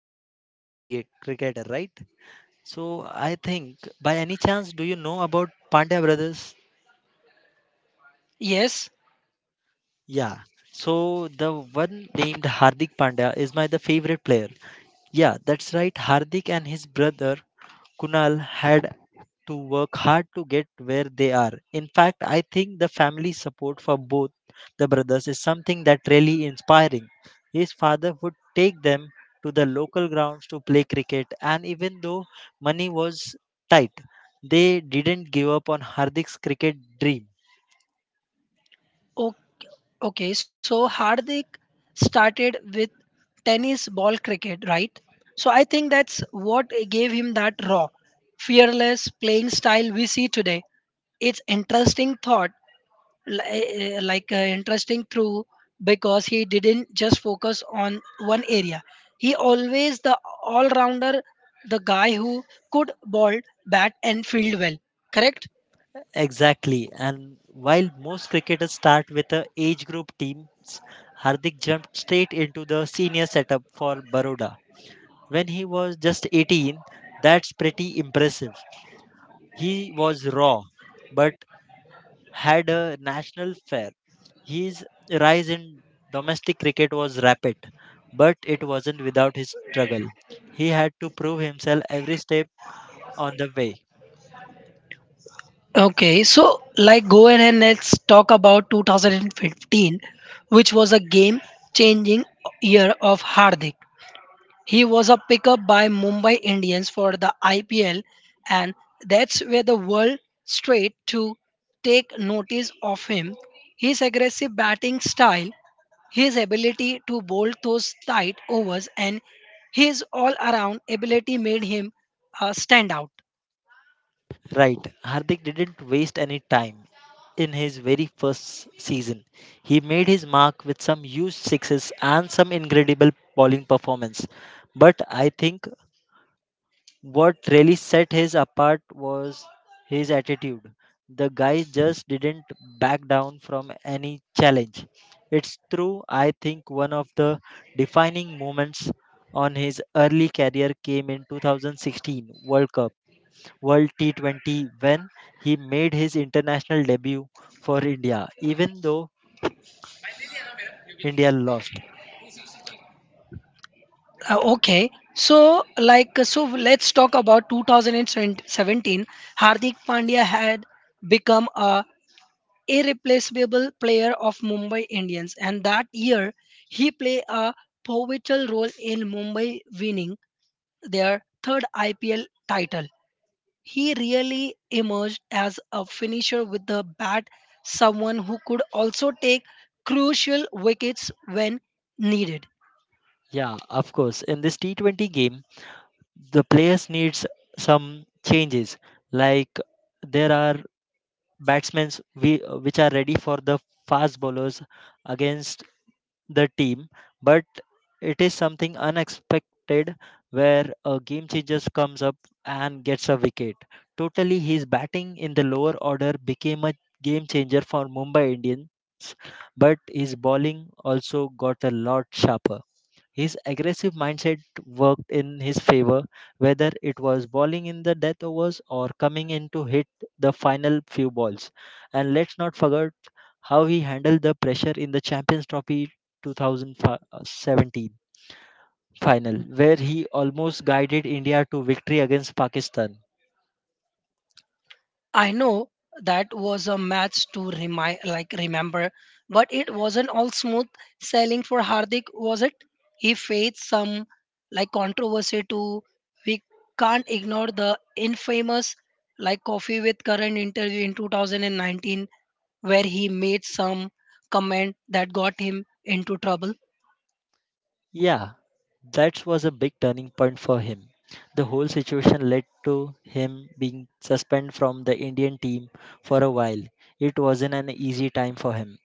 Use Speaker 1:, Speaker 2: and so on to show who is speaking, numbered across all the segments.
Speaker 1: know my favorite cricketer, right? So I think by any chance do you know about Pandya brothers?
Speaker 2: Yes.
Speaker 1: Yeah. So the one named Hardik Pandya is my the favorite player. Yeah, that's right. Hardik and his brother Kunal had to work hard to get where they are. In fact, I think the family support for both the brothers is something that really inspiring. His father would take them to the local grounds to play cricket, and even though money was tight, they didn't give up on Hardik's cricket dream.
Speaker 2: O- okay. So Hardik started with tennis ball cricket, right? So I think that's what gave him that raw, fearless playing style we see today. It's interesting thought, interesting through because he didn't just focus on one area. He always the all-rounder, the guy who could ball, bat, and field well. Correct?
Speaker 1: Exactly. And while most cricketers start with a age group teams, Hardik jumped straight into the senior setup for Baroda when he was just 18. That's pretty impressive. He was raw, but had a national flair. His rise in domestic cricket was rapid, but it wasn't without his struggle. He had to prove himself every step on the way.
Speaker 2: Okay, so like go ahead and let's talk about 2015, which was a game changing year of Hardik. He was a pickup by Mumbai Indians for the IPL, and that's where the world straight to take notice of him. His aggressive batting style, his ability to bowl those tight overs, and his all around ability made him stand out.
Speaker 1: Right, Hardik didn't waste any time in his very first season. He made his mark with some huge sixes and some incredible bowling performance. But I think what really set his apart was his attitude. The guy just didn't back down from any challenge. It's true, I think one of the defining moments on his early career came in 2016 World Cup, World T20, when he made his international debut for India, even though India lost.
Speaker 2: Okay. So let's talk about 2017. Hardik Pandya had become a irreplaceable player of Mumbai Indians, and that year he played a pivotal role in Mumbai winning their third IPL title. He really emerged as a finisher with the bat, someone who could also take crucial wickets when needed.
Speaker 1: Yeah, of course. In this T20 game, the players needs some changes, like there are batsmen we, which are ready for the fast bowlers against the team, but it is something unexpected where a game changer comes up and gets a wicket. Totally, his batting in the lower order became a game changer for Mumbai Indians, but his bowling also got a lot sharper. His aggressive mindset worked in his favor, whether it was bowling in the death overs or coming in to hit the final few balls. And let's not forget how he handled the pressure in the Champions Trophy 2017 final, where he almost guided India to victory against Pakistan.
Speaker 2: I know that was a match to remind, like remember, but it wasn't all smooth sailing for Hardik, was it? He faced some like controversy too. We can't ignore the infamous like coffee with current interview in 2019 where he made some comment that got him into trouble.
Speaker 1: Yeah, that was a big turning point for him. The whole situation led to him being suspended from the Indian team for a while. It wasn't an easy time for him,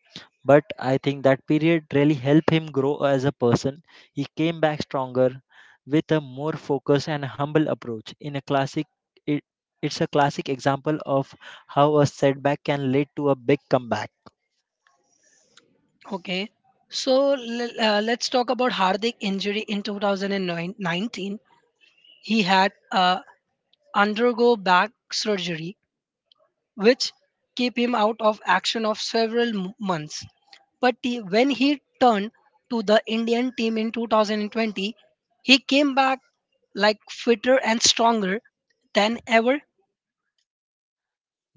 Speaker 1: but I think that period really helped him grow as a person. He came back stronger with a more focused and humble approach. In a classic it, it's a classic example of how a setback can lead to a big comeback.
Speaker 2: Okay. So let's talk about Hardik injury in 2019. He had a undergo back surgery, which keep him out of action of several months. But when he turned to the Indian team in 2020, he came back like fitter and stronger than ever.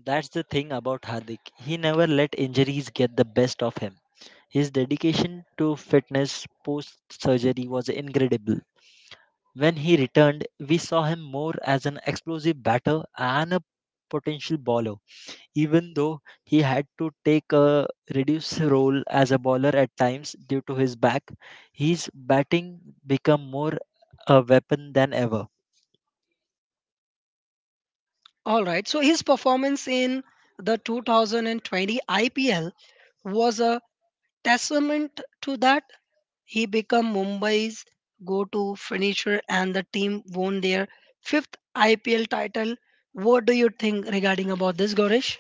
Speaker 1: That's the thing about Hardik. He never let injuries get the best of him. His dedication to fitness post surgery was incredible. When he returned, we saw him more as an explosive batter and a potential bowler, even though he had to take a reduced role as a bowler at times due to his back. His batting became more a weapon than ever.
Speaker 2: All right, so his performance in the 2020 IPL was a testament to that. He became Mumbai's go to finisher and the team won their fifth IPL title. What do you think regarding about this, Gaurish?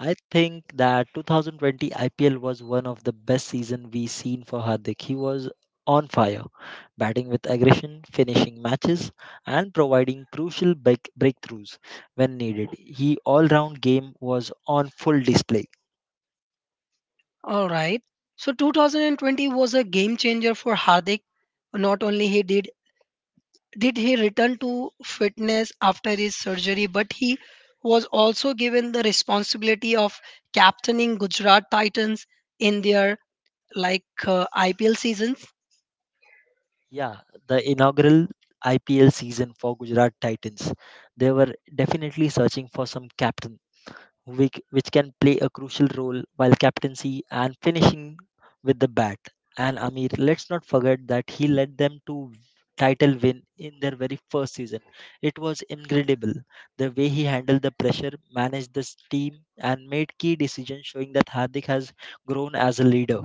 Speaker 1: I think that 2020 IPL was one of the best season we seen for Hardik. He was on fire, batting with aggression, finishing matches, and providing breakthroughs when needed. His all-round game was on full display.
Speaker 2: All right. So 2020 was a game changer for Hardik. Not only he did he return to fitness after his surgery, but he was also given the responsibility of captaining Gujarat Titans in their IPL seasons.
Speaker 1: Yeah, the inaugural IPL season for Gujarat Titans. They were definitely searching for some captain which can play a crucial role while captaincy and finishing with the bat. And Amir, let's not forget that he led them to title win in their very first season. It was incredible the way he handled the pressure, managed this team, and made key decisions, showing that Hardik has grown as a leader.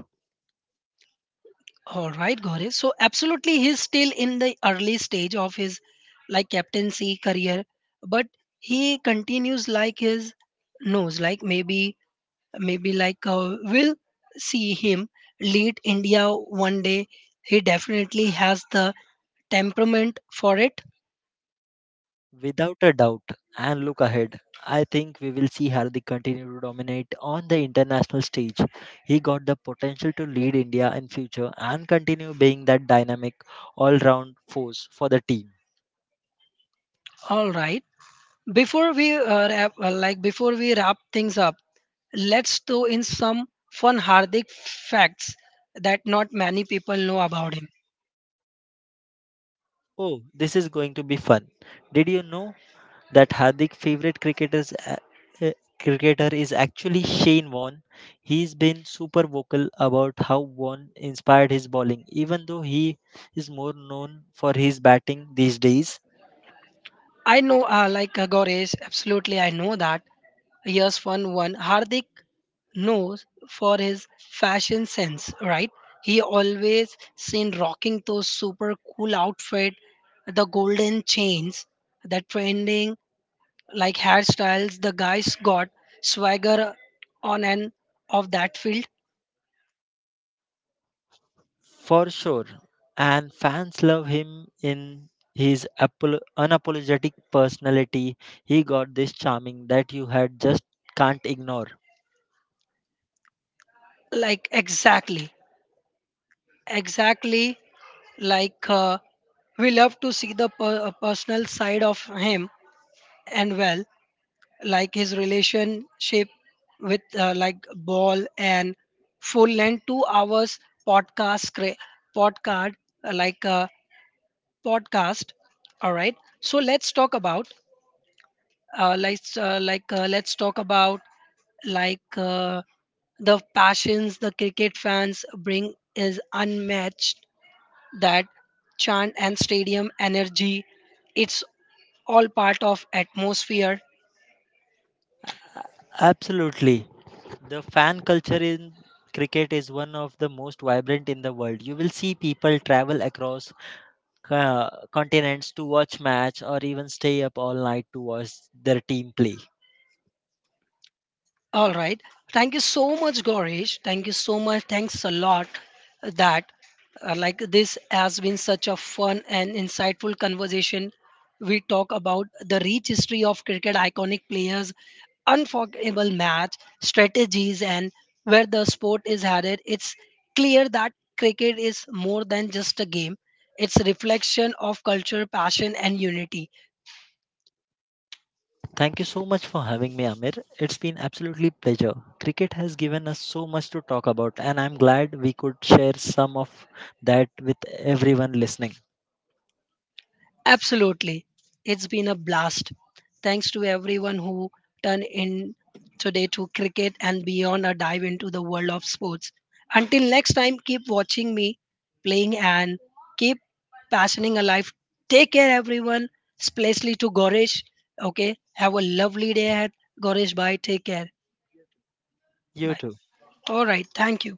Speaker 2: All right, Gauri. So absolutely, he's still in the early stage of his like captaincy career, but he continues like his nose. Like maybe we'll see him lead India one day. He definitely has the temperament for it.
Speaker 1: Without a doubt, and look ahead, I think we will see Hardik continue to dominate on the international stage. He got the potential to lead India in future and continue being that dynamic all-round force for the team.
Speaker 2: All right. Before we wrap things up, let's throw in some fun Hardik facts that not many people know about him.
Speaker 1: Oh, this is going to be fun. Did you know that Hardik favorite uh, cricketer is actually Shane Warne? He's been super vocal about how Warne inspired his bowling even though he is more known for his batting these days.
Speaker 2: I know, Gaurish, absolutely, I know that. Here's fun one. Hardik knows for his fashion sense, right? He always seen rocking those super cool outfit, the golden chains, the trending like hairstyles. The guys got swagger on and off that field.
Speaker 1: For sure. And fans love him in his unapologetic personality. He got this charming that you had just can't ignore.
Speaker 2: Like exactly, exactly like uh, we love to see the personal side of him and well like his relationship with like ball and full length 2 hours podcast cre- podcast uh, like uh, podcast. All right, so let's talk about, let's talk about, like uh, the passions the cricket fans bring is unmatched, that chant and stadium energy, it's all part of atmosphere.
Speaker 1: A- Absolutely. The fan culture in cricket is one of the most vibrant in the world. You will see people travel across continents to watch match or even stay up all night to watch their team play.
Speaker 2: All right. Thank you so much, Gaurish. Thank you so much. Thanks a lot that, this has been such a fun and insightful conversation. We talk about the rich history of cricket, iconic players, unforgettable match strategies, and where the sport is headed. It's clear that cricket is more than just a game. It's a reflection of culture, passion, and unity.
Speaker 1: Thank you so much for having me, Amir. It's been absolutely pleasure. Cricket has given us so much to talk about, and I'm glad we could share some of that with everyone listening.
Speaker 2: Absolutely. It's been a blast. Thanks to everyone who turned in today to cricket and beyond a dive into the world of sports. Until next time, keep watching me playing and keep passioning alive. Take care, everyone, especially to Goresh. Okay, have a lovely day ahead. Goresh, bye. Take care.
Speaker 1: You
Speaker 2: Bye.
Speaker 1: too.
Speaker 2: All right. Thank you.